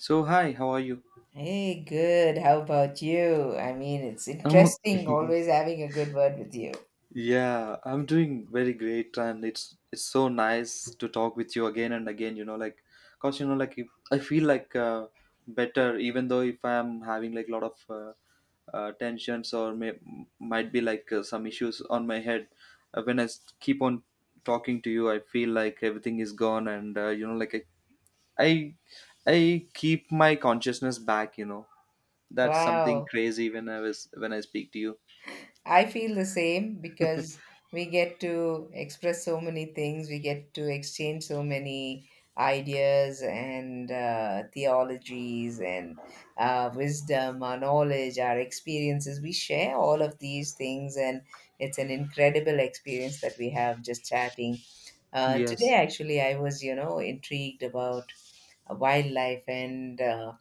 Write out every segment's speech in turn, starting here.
So hi, how are you? Hey, good. How about you? I mean, it's I'm interesting okay. always having a good word with you. Yeah, I'm doing very great, and it's so nice to talk with you again and again. Like, cause like, if, I feel like better, even though if I'm having like a lot of tensions, or might be like some issues on my head. When I keep on talking to you, I feel like everything is gone, and like I I keep my consciousness back. That's something Wow. crazy when I was when I speak to you. I feel the same because we get to express so many things, we get to exchange so many ideas and theologies and wisdom, our knowledge, our experiences. We share all of these things, and it's an incredible experience that we have just chatting. Today, Yes, actually, I was, intrigued about wildlife and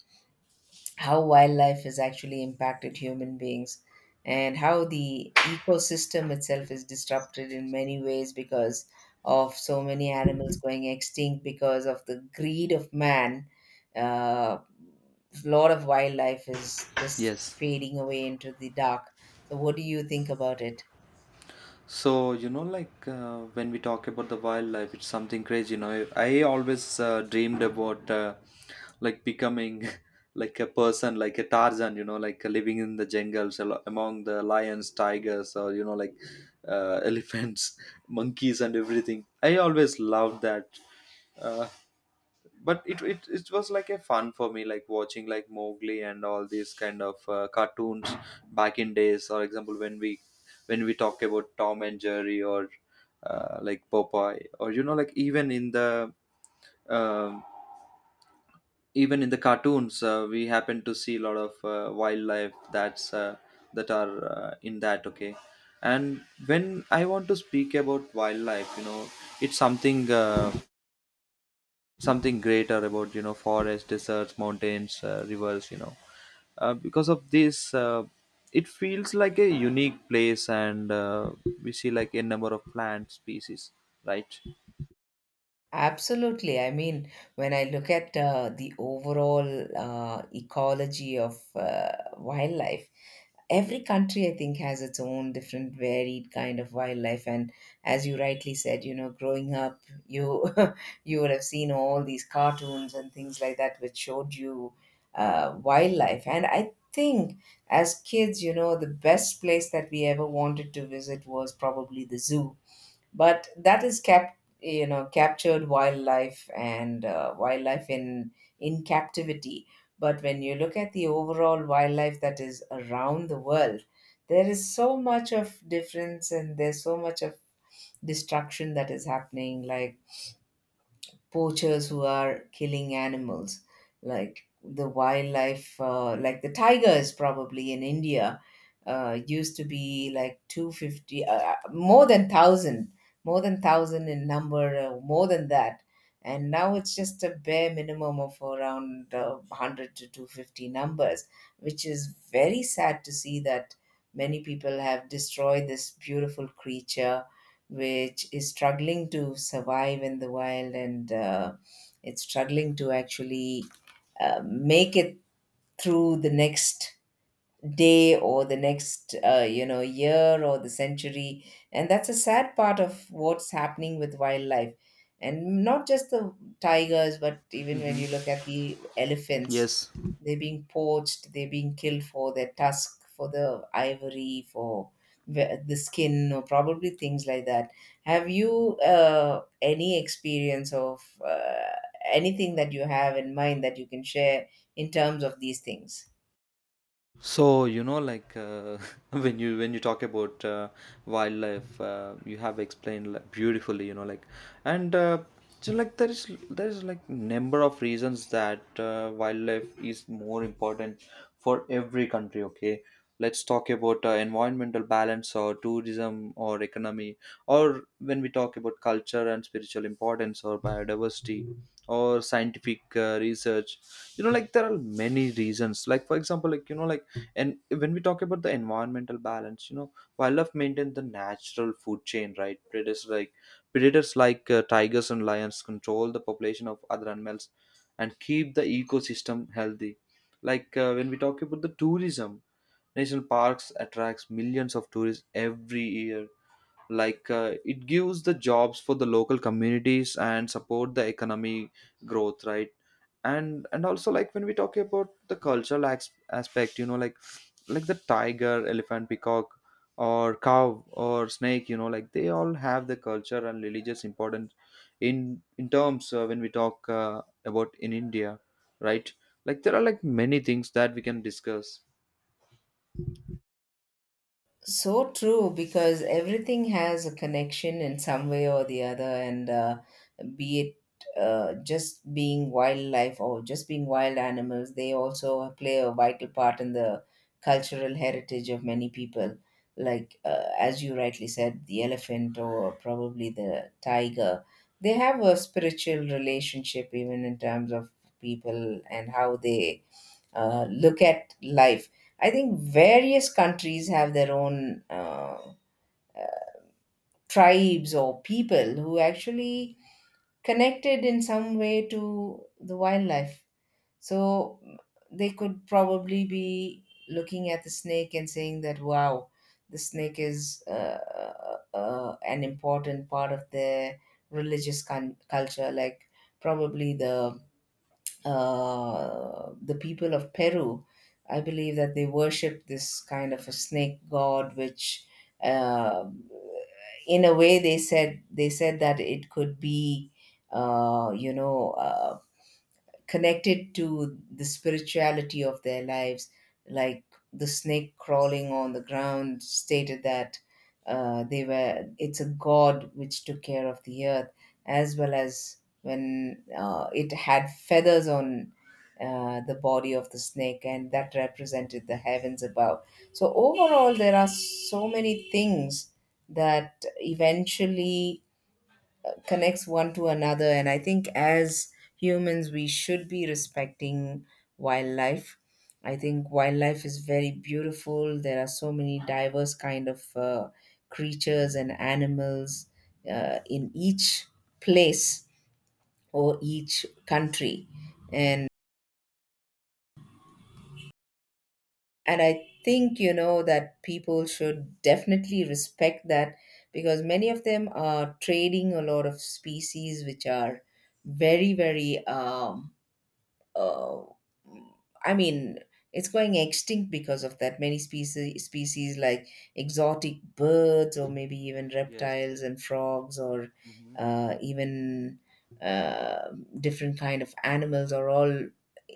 how wildlife has actually impacted human beings, and how the ecosystem itself is disrupted in many ways because of so many animals going extinct because of the greed of man. uh, Lot of wildlife is just yes. fading away into the dark. So what do you think about it? So, like when we talk about the wildlife, it's something crazy. I always dreamed about like becoming like a person, like a Tarzan, like living in the jungles among the lions, tigers, or, like elephants, monkeys, and everything. I always loved that. Uh, but it was like a fun for me, like watching like Mowgli and all these kind of cartoons back in days. For example, when we talk about Tom and Jerry, or like Popeye, or like, um, even in the cartoons, we happen to see a lot of wildlife that are in that. Okay. And when I want to speak about wildlife, it's something something greater about, forests, deserts, mountains, rivers, because of this, it feels like a unique place, and we see like a number of plant species. Right? Absolutely. I mean, when I look at the overall ecology of wildlife, every country, I think, has its own different varied kind of wildlife. And as you rightly said, you know, growing up, you you would have seen all these cartoons and things like that, which showed you wildlife. And I think, as kids, you know, the best place that we ever wanted to visit was probably the zoo, but that is captured wildlife, and wildlife in captivity. But when you look at the overall wildlife that is around the world, there is so much of difference, and there's so much of destruction that is happening, like poachers who are killing animals, like the wildlife, like the tigers, probably in India, used to be like 250, more than 1,000, more than 1,000 in number, more than that. And now it's just a bare minimum of around 100 to 250 numbers, which is very sad to see, that many people have destroyed this beautiful creature which is struggling to survive in the wild. And it's struggling to actually make it through the next day, or the next year, or the century. And that's a sad part of what's happening with wildlife, and not just the tigers, but even when you Hmm. look at the elephants, Yes. they're being poached, they're being killed for their tusk, for the ivory, for the skin, or probably things like that. Have you any experience of anything that you have in mind that you can share in terms of these things? So like when you talk about wildlife, you have explained, like, beautifully. Like, and so, like, there is like number of reasons that wildlife is more important for every country. Okay, let's talk about environmental balance, or tourism, or economy, or when we talk about culture and spiritual importance, or biodiversity, or scientific research. Like, there are many reasons. Like for example, like, and when we talk about the environmental balance, wildlife maintain the natural food chain. Right? Predators like tigers and lions control the population of other animals and keep the ecosystem healthy. Like when we talk about the tourism, national parks attracts millions of tourists every year. Like it gives the jobs for the local communities and support the economy growth. Right? And also, like, when we talk about the cultural aspect, like the tiger, elephant, peacock, or cow, or snake, like, they all have the culture and religious importance in terms, when we talk about, in India. Right? Like there are like many things that we can discuss. So true, because everything has a connection in some way or the other. And be it just being wildlife or just being wild animals, they also play a vital part in the cultural heritage of many people. Like, as you rightly said, the elephant or probably the tiger, they have a spiritual relationship, even in terms of people and how they look at life. I think various countries have their own tribes or people who actually connected in some way to the wildlife. So they could probably be looking at the snake and saying that, wow, the snake is an important part of their religious culture, like probably the people of Peru. I believe that they worship this kind of a snake god, which, uh, in a way, they said that it could be, uh, you know, uh, connected to the spirituality of their lives. Like the snake crawling on the ground stated that they were it's a god which took care of the earth, as well as, when it had feathers on the body of the snake, and that represented the heavens above. So overall, there are so many things that eventually connects one to another. And I think, as humans, we should be respecting wildlife. I think wildlife is very beautiful. There are so many diverse kind of creatures and animals in each place or each country. And and I think, you know, that people should definitely respect that, because many of them are trading a lot of species which are very, very, uh, I mean, it's going extinct because of that. Many species, like exotic birds, or maybe even Yes. reptiles and frogs, or Hmm. Even uh, different kind of animals, are all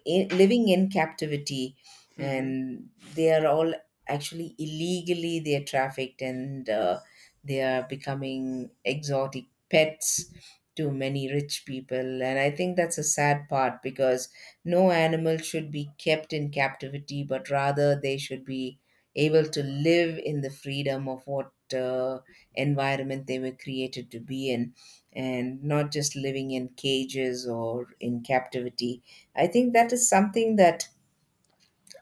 I living in captivity, and they are all, actually, illegally they are trafficked, and they are becoming exotic pets to many rich people. And I think that's a sad part, because no animal should be kept in captivity, but rather they should be able to live in the freedom of what environment they were created to be in, and not just living in cages or in captivity. I think that is something that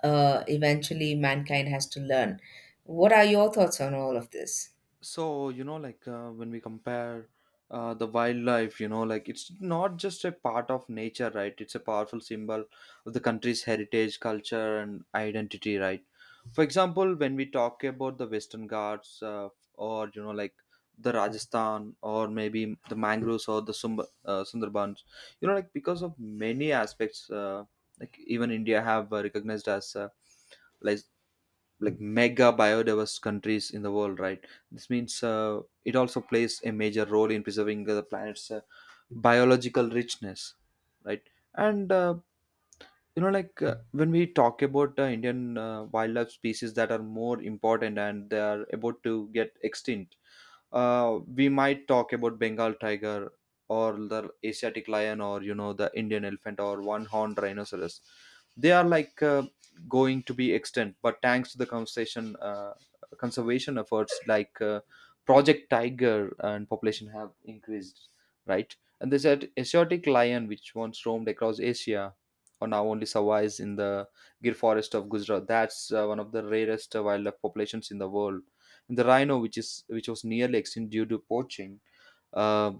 eventually mankind has to learn. What are your thoughts on all of this? So like when we compare the wildlife, like, it's not just a part of nature. Right? It's a powerful symbol of the country's heritage, culture, and identity. Right? For example, when we talk about the Western Ghats, or like the Rajasthan, or maybe the mangroves or the Sundarbans. Like, because of many aspects, like, even India have recognized as like like, mega biodiverse countries in the world. Right? This means it also plays a major role in preserving the planet's biological richness. Right? And like when we talk about Indian wildlife species that are more important, and they are about to get extinct. We might talk about Bengal tiger, or the Asiatic lion, or the Indian elephant, or one-horned rhinoceros. They are like going to be extinct, but thanks to the conservation efforts like Project Tiger, and population have increased, right? And they said Asiatic lion, which once roamed across Asia, or now only survives in the Gir forest of Gujarat. That's one of the rarest wildlife populations in the world. The rhino, which was nearly extinct due to poaching, uh,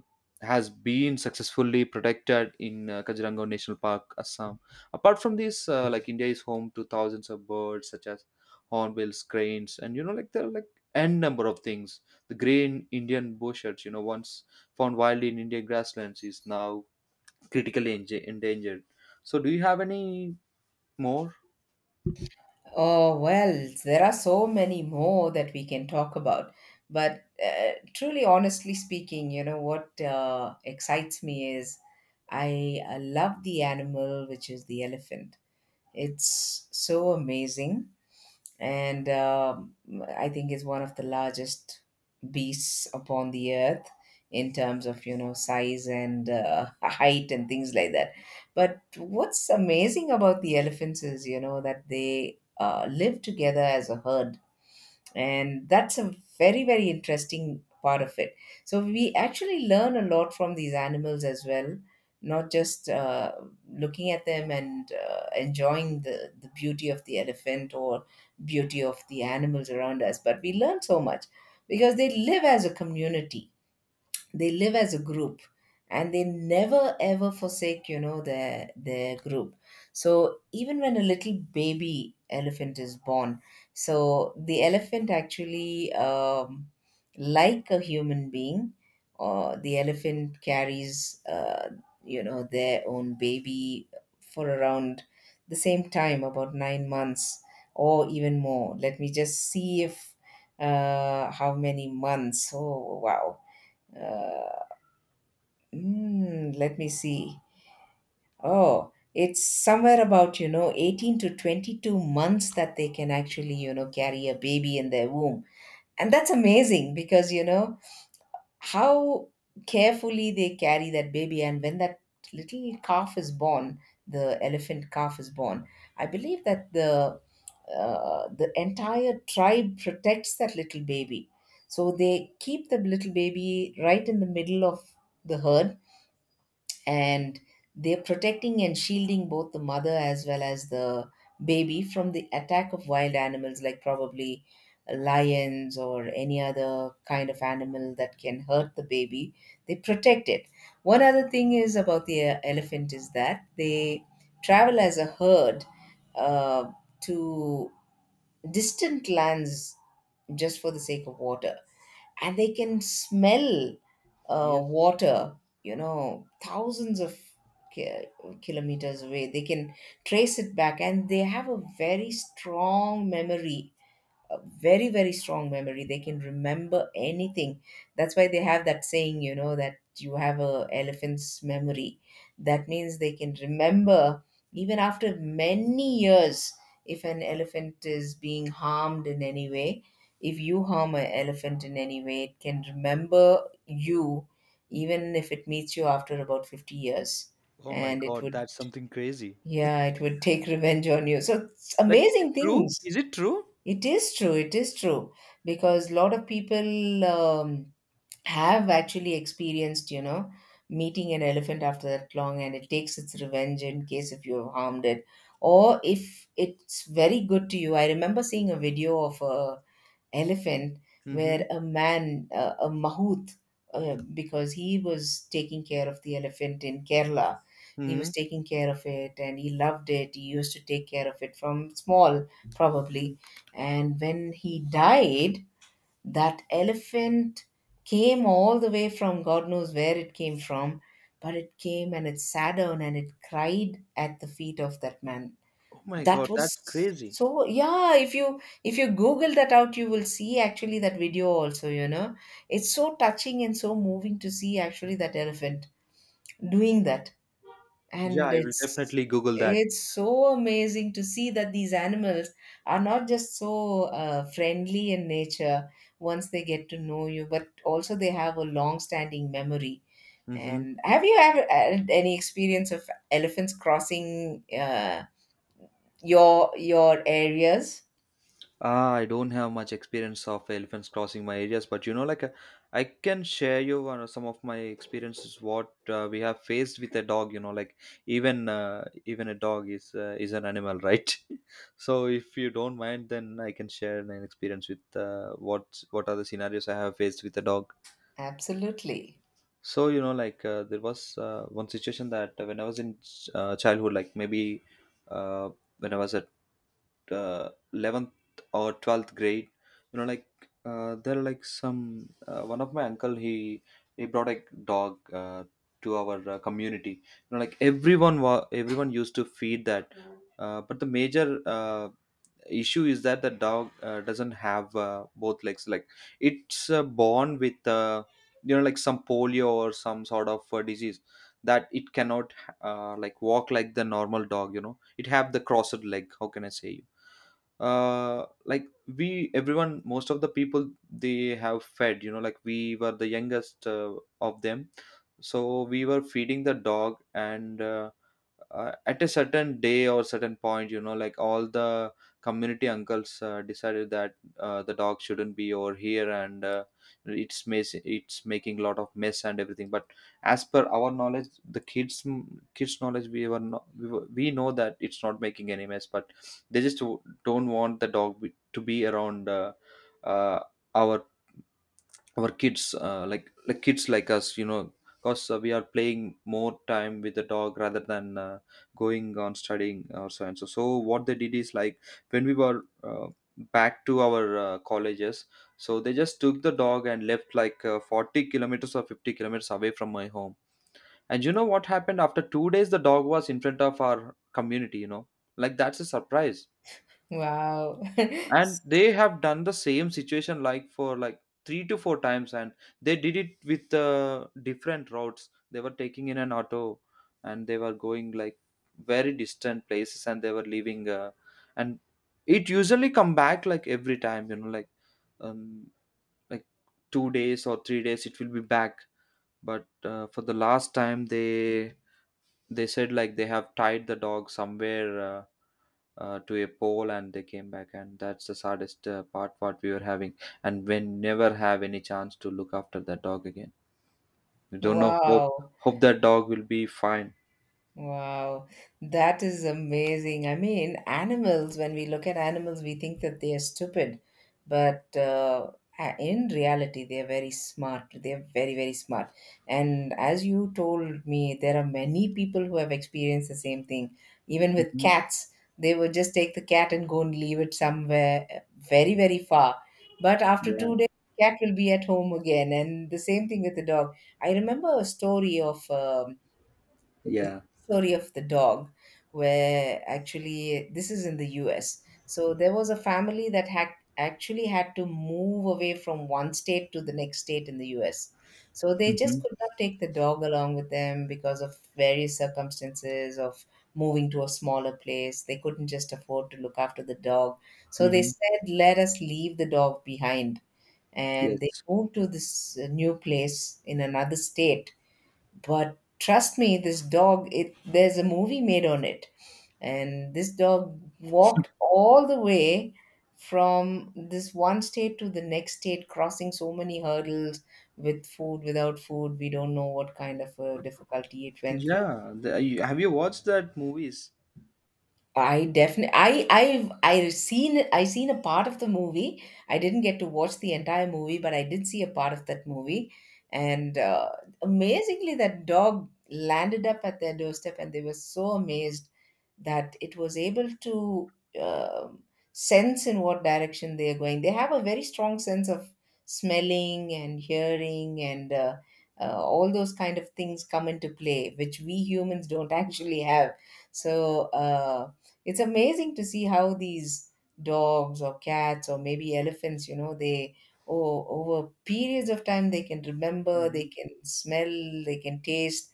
has been successfully protected in Kaziranga National Park, Assam. Apart from this, like, India is home to thousands of birds such as hornbills, cranes, and like, there are like n number of things. The green Indian bushes, once found wildly in Indian grasslands, is now critically endangered. So, do you have any more? Oh, well, there are so many more that we can talk about. But truly, honestly speaking, you know, what excites me is, I love the animal, which is the elephant. It's so amazing. And I think is one of the largest beasts upon the earth in terms of, you know, size and height and things like that. But what's amazing about the elephants is, you know, that they live together as a herd, and that's a very, very interesting part of it. So we actually learn a lot from these animals as well, not just looking at them and enjoying the beauty of the elephant or beauty of the animals around us, but we learn so much, because they live as a community, they live as a group, and they never ever forsake, their group. So even when a little baby elephant is born, so the elephant actually, like a human being, or the elephant carries their own baby, for around the same time, about 9 months or even more. Let me just see if how many months. Oh, wow. uh, Mm, let me see. Oh, it's somewhere about, 18 to 22 months that they can actually, carry a baby in their womb. And that's amazing, because, how carefully they carry that baby. And when that little calf is born, the elephant calf is born, I believe that the entire tribe protects that little baby. So they keep the little baby right in the middle of the herd, and they're protecting and shielding both the mother as well as the baby from the attack of wild animals, like probably lions or any other kind of animal that can hurt the baby. They protect it. One other thing is about the elephant is that they travel as a herd, uh, to distant lands, just for the sake of water. And they can smell Yes. water, you know, thousands of ki- kilometers away. They can trace it back, and they have a very strong memory, a very, very strong memory. They can remember anything. That's why they have that saying, you know, that you have a elephant's memory. That means they can remember even after many years. If an elephant is being harmed in any way, if you harm an elephant in any way, it can remember you even if it meets you after about 50 years. Oh my And it God, would that's something crazy. yeah it would take revenge on you. So it's Like, is it amazing true? things. Is it true? It is true. It is true, because a lot of people, have actually experienced, meeting an elephant after that long, and it takes its revenge in case if you have harmed it, or if it's very good to you. I remember seeing a video of a elephant Mm-hmm. where a man, a mahout, because he was taking care of the elephant in Kerala. He was Mhm. taking care of it, and he loved it. He used to take care of it from small, Mhm. probably. And when he died, that elephant came all the way from God knows where it came from, but it came, and it sat down, and it cried at the feet of that man. Oh my That God, that's was crazy. so. Yeah, if you google that out, you will see actually that video also, you know. It's so touching and so moving to see actually that elephant doing that. Yeah, And I will it's definitely Google that. it's so amazing to see that these animals are not just so friendly in nature once they get to know you, but also they have a long standing memory. Mm-hmm. And have you ever had any experience of elephants crossing your areas? Ah, I don't have much experience of elephants crossing my areas, but like I can share you some of my experiences what we have faced with a dog. Like, even a dog is an animal, right? So if you don't mind, then I can share an experience with what are the scenarios I have faced with a dog. Absolutely. So like there was one situation that, when I was in childhood, like maybe uh, when I was at 11th or 12th grade, like there are like some one of my uncle, he brought a dog to our community. Like, everyone everyone used to feed that, but the major issue is that the dog doesn't have both legs. Like, it's born with, like, some polio or some sort of disease, that it cannot like walk like the normal dog. It have the crossed leg, how can I say you. Like, we, everyone, most of the people they have fed, like, we were the youngest of them, so we were feeding the dog. And, at a certain day or certain point, like, all the community uncles decided that the dog shouldn't be over here, and it's making a lot of mess and everything. But as per our knowledge, the kids, kids knowledge, we were not, we, were, we know that it's not making any mess, but they just don't want the dog to be around, uh, our our kids, like kids like us, because we are playing more time with the dog rather than going on studying or so and so. So what they did is, like, when we were uh, back to our colleges, so they just took the dog and left like 40 kilometers or 50 kilometers away from my home. And you know what happened? After 2 days, the dog was in front of our community. Like, that's a surprise. Wow. And they have done the same situation like for like three to four times. And they did it with different routes. They were taking in an auto, and they were going like very distant places, and they were leaving, and it usually come back like every time. Like, um like, 2 days or 3 days it will be back. But for the last time, they said like they have tied the dog somewhere, to a poll, and they came back. And that's the saddest part what we were having. And we never have any chance to look after that dog again. We don't know. Wow. Hope, that dog will be fine. Wow, that is amazing. I mean, animals, when we look at animals, we think that they are stupid, but in reality, they are very smart. They are very, very smart. And as you told me, there are many people who have experienced the same thing. Even with Hmm. cats, they would just take the cat and go and leave it somewhere very, very far. But after Yeah. 2 days, cat will be at home again. And the same thing with the dog. I remember a story of. It's a Yeah. story of the dog, where actually this is in the US. So there was a family that had actually had to move away from one state to the next state in the US. So they Hmm. just could not take the dog along with them because of various circumstances of moving to a smaller place. They couldn't just afford to look after the dog. So they Hmm. said, let us leave the dog behind. And they Yes. moved to this new place in another state, but trust me, this dog, it there's a movie made on it. And this dog walked all the way from this one state to the next state, crossing so many hurdles with food, without food. We don't know what kind of a difficulty it went through. Yeah, have you watched that movies? I definitely I I've I seen a part of the movie. I didn't get to watch the entire movie, but I did see a part of that movie. And amazingly, that dog landed up at their doorstep, and they were so amazed that it was able to um sense in what direction they are going. They have a very strong sense of smelling and hearing, and all those kind of things come into play, which we humans don't actually have. So. Uh, it's amazing to see how these dogs or cats or maybe elephants, you know, they oh, over periods of time they can remember, they Hmm. can smell, they can taste,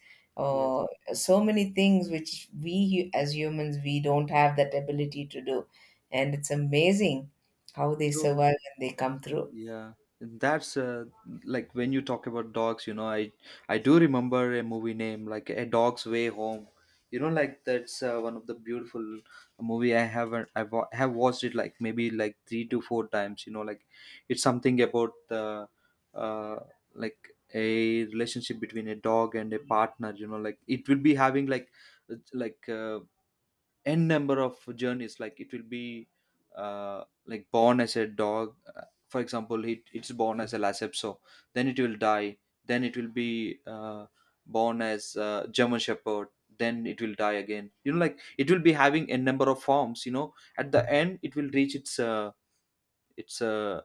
Yes. uh, so many things which as humans we don't have that ability to do, and it's amazing how they So. survive and they come through. Yeah, that's like, when you talk about dogs, I do remember a movie name like A Dog's Way Home. Like, that's one of the beautiful movie. I haven't, have watched it like maybe like three to four times. Like, it's something about uh, like a relationship between a dog and a partner. You know, like it will be having like uh, like uh, n number of journeys. Like it will be like born as a dog. For example, it's born as a lacepso, then it will die, then it will be born as german shepherd, then it will die again. You know, like it will be having a number of forms. You know, at the end it will reach its its uh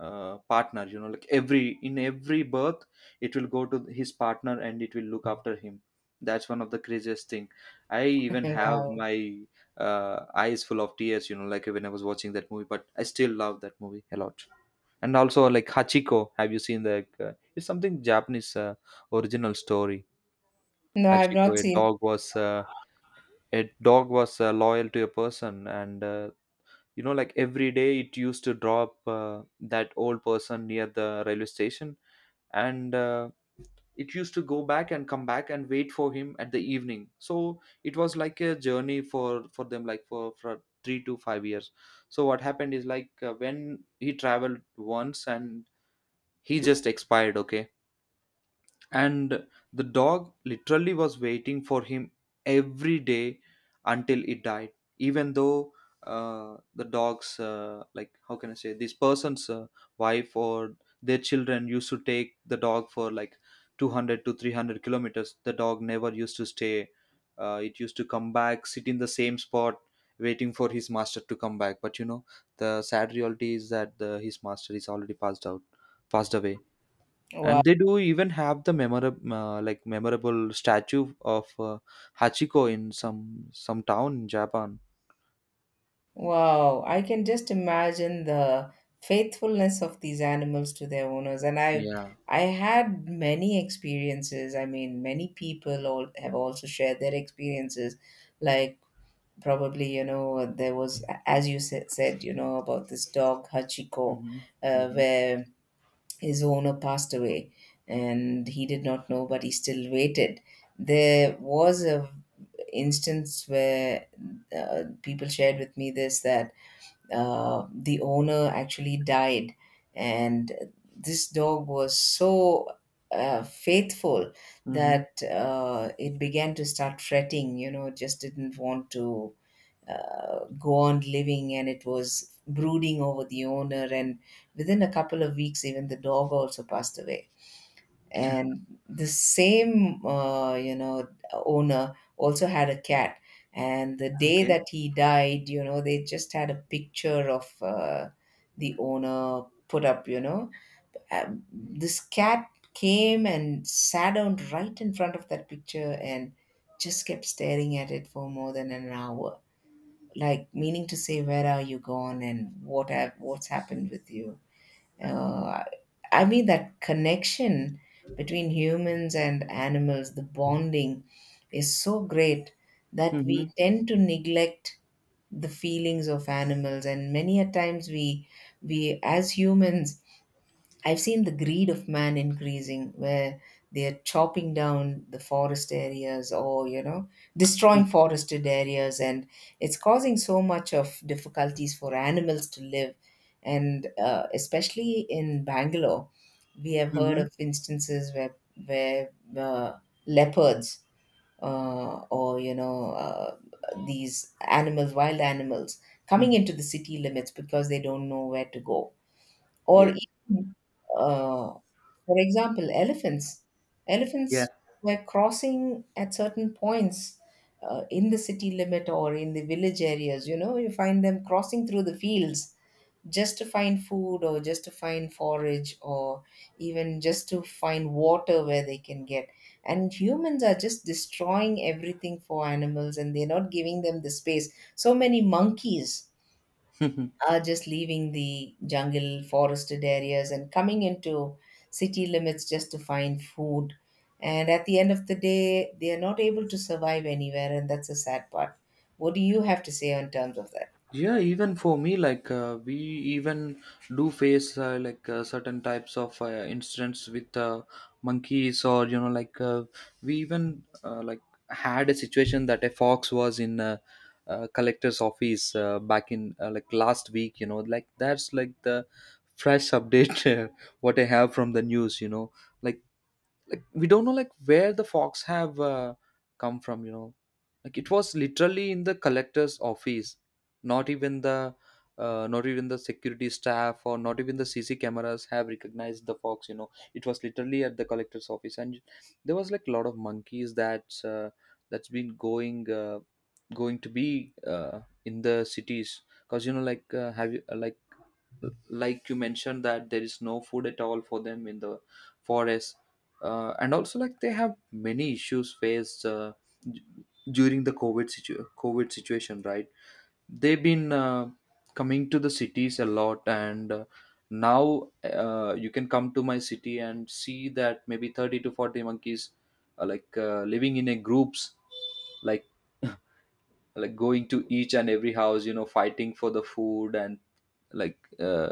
partner. You know, like every in every birth it will go to his partner and it will look after him. That's one of the craziest thing. I even have Wow. my eyes full of tears, you know, like when I was watching that movie, but I still love that movie a lot. And also like Hachiko, have you seen the it's something japanese original story. No, I've not Hachiko, a seen. dog was a dog was loyal to a person. And you know, like every day it used to drop that old person near the railway station. And it used to go back and come back and wait for him at the evening. So it was like a journey for them, like for 3 to 5 years. So what happened is like when he traveled once and he just expired, okay. And the dog literally was waiting for him every day until it died. Even though the dog's like how can I say, this person's wife or their children used to take the dog for like 200 to 300 kilometers, the dog never used to stay. It used to come back, sit in the same spot, waiting for his master to come back. But you know, the sad reality is that his master is already passed away. Wow. And they do even have the memorable like memorable statue of Hachiko in some town in japan. Wow, I can just imagine the faithfulness of these animals to their owners. And I've Yeah. I had many experiences. I mean, many people all have also shared their experiences. Like probably, you know, there was, as you said, you know, about this dog Hachiko, Mm-hmm. Mm-hmm. where his owner passed away, and he did not know, but he still waited. There was a instance where people shared with me this that the owner actually died, and this dog was so faithful Mm-hmm. that it began to start fretting, you know, it just didn't want to go on living, and it was brooding over the owner, and within a couple of weeks even the dog also passed away. And the same, you know, owner also had a cat, and the day Okay. that he died, you know, they just had a picture of the owner put up, you know. This cat came and sat down right in front of that picture and just kept staring at it for more than an hour, like meaning to say, where are you gone and what's happened with you. uh, I mean, that connection between humans and animals, the bonding is so great that Mm-hmm. we tend to neglect the feelings of animals, and many a times we as humans, I've seen the greed of man increasing where they're chopping down the forest areas, or, you know, destroying forested areas. And it's causing so much of difficulties for animals to live. And especially in Bangalore, we have heard Mm-hmm. of instances where uh, leopards or these animals, wild animals, coming Mm-hmm. into the city limits because they don't know where to go, or Yes. even, uh, for example, elephants. Yeah. Elephants were crossing at certain points in the city limit or in the village areas. You know, you find them crossing through the fields just to find food, or just to find forage, or even just to find water where they can get. And humans are just destroying everything for animals, and they're not giving them the space. So many monkeys are just leaving the jungle, forested areas, and coming into city limits just to find food. And at the end of the day, they are not able to survive anywhere, and that's a sad part. What do you have to say on terms of that? Yeah, even for me, like we even do face certain types of incidents with monkeys. Or you know, like we even like had a situation that a fox was in collector's office back in like last week. You know, like that's like the fresh update. What I have from the news, you know, like we don't know like where the fox have come from, you know. Like it was literally in the collector's office. not even the Not even the security staff or not even the CC cameras have recognized the fox, you know. It was literally at the collector's office. And there was like a lot of monkeys that that's been going going to be in the cities. Because you know, like have you like you mentioned that there is no food at all for them in the forest. And also like they have many issues faced d- during the covid situation, right? They've been coming to the cities a lot. And now you can come to my city and see that maybe 30 to 40 monkeys are like living in a groups. Like like going to each and every house, you know, fighting for the food. And like uh,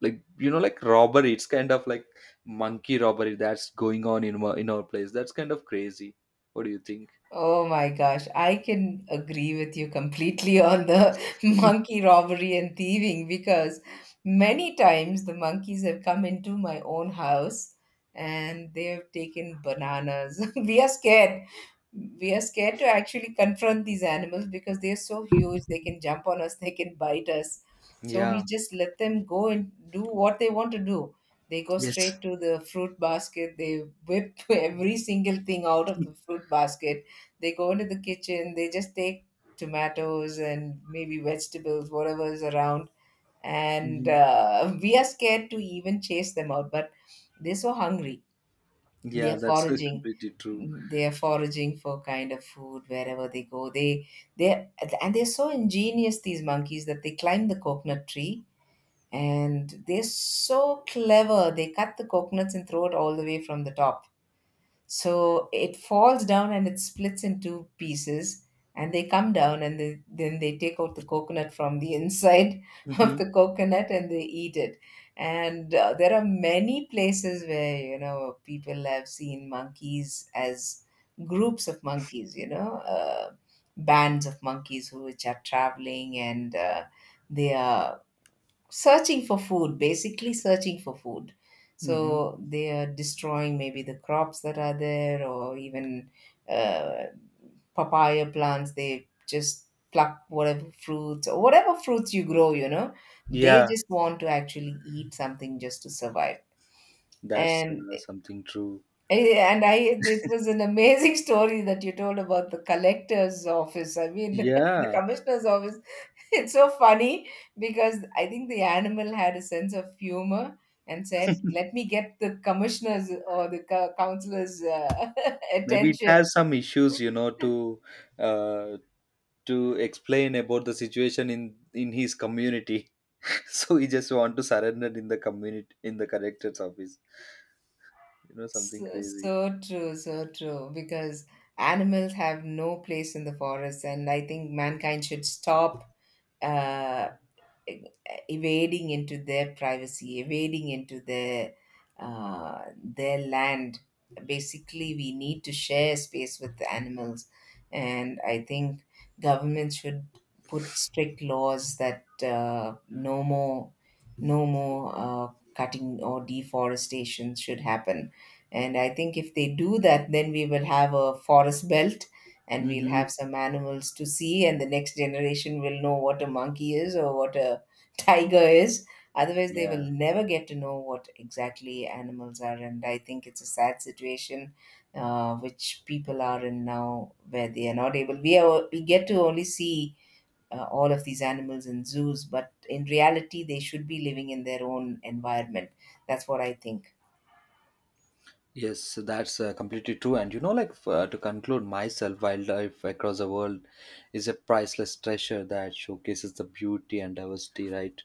like you know, like robbery, it's kind of like monkey robbery that's going on in in our place. That's kind of crazy. What do you think? Oh my gosh, I can agree with you completely on the monkey robbery and thieving, because many times the monkeys have come into my own house and they have taken bananas. We are scared to actually confront these animals because they're so huge, they can jump on us, they can bite us, so we Yeah. just let them go and do what they want to do. They go Yes. straight to the fruit basket, they whip every single thing out of the fruit basket, they go into the kitchen, they just take tomatoes and maybe vegetables, whatever is around, and Mhm. We are scared to even chase them out, but they're so hungry, they Yeah, are that's foraging. completely true. Mm, they are foraging for kind of food wherever they go, they and they're so ingenious, these monkeys, that they climb the coconut tree, and they're so clever, they cut the coconuts and throw it all the way from the top so it falls down and it splits into pieces, and they come down and then they take out the coconut from the inside of Hmm. the coconut and they eat it. And there are many places where, you know, people have seen monkeys as groups of monkeys, you know, bands of monkeys who which are traveling, and they are searching for food, basically searching for food, Hmm. so they are destroying maybe the crops that are there, or even uh, papaya plants, they just pluck whatever fruits or whatever fruits you grow, you know, they Yeah, just want to actually eat something just to survive. that's and something true. eh, and i it was an amazing story that you told about the collector's office, I mean, the Yeah, commissioner's office. It's so funny because I think the animal had a sense of humor and said, "Let me get the commissioner's or the co- counselor's maybe it attention." has some issues, you know, uh, to explain about the situation in his community. So he just want to surrender in the community, in the collector's office. You know, something So, crazy. so true, so true. Because animals have no place in the forest, and I think mankind should stop uh, evading into their privacy, evading into their land. Basically, we need to share space with the animals, and I think government should put strict laws that no more cutting or deforestation should happen. And I think if they do that, then we will have a forest belt. And we'll have Hmm. some animals to see, and the next generation will know what a monkey is or what a tiger is. Otherwise, they Yeah. will never get to know what exactly animals are. And I think it's a sad situation which people are in now, where they are not able. We get to only see all of these animals in zoos, but in reality, they should be living in their own environment. That's what I think. Yes, so that's completely true. And you know, like to conclude, myself, wildlife across the world is a priceless treasure that showcases the beauty and diversity, right?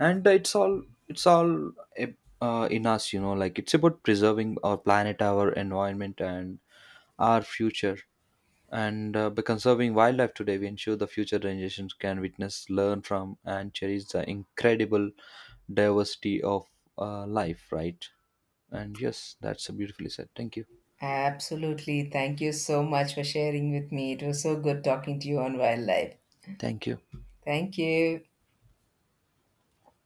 And it's all in us, you know. Like it's about preserving our planet, our environment, and our future. And by conserving wildlife today, we ensure the future generations can witness, learn from, and cherish the incredible diversity of life, right? And yes, that's beautifully said. Thank you. Absolutely. Thank you so much for sharing with me. It was so good talking to you on wildlife. Thank you. Thank you.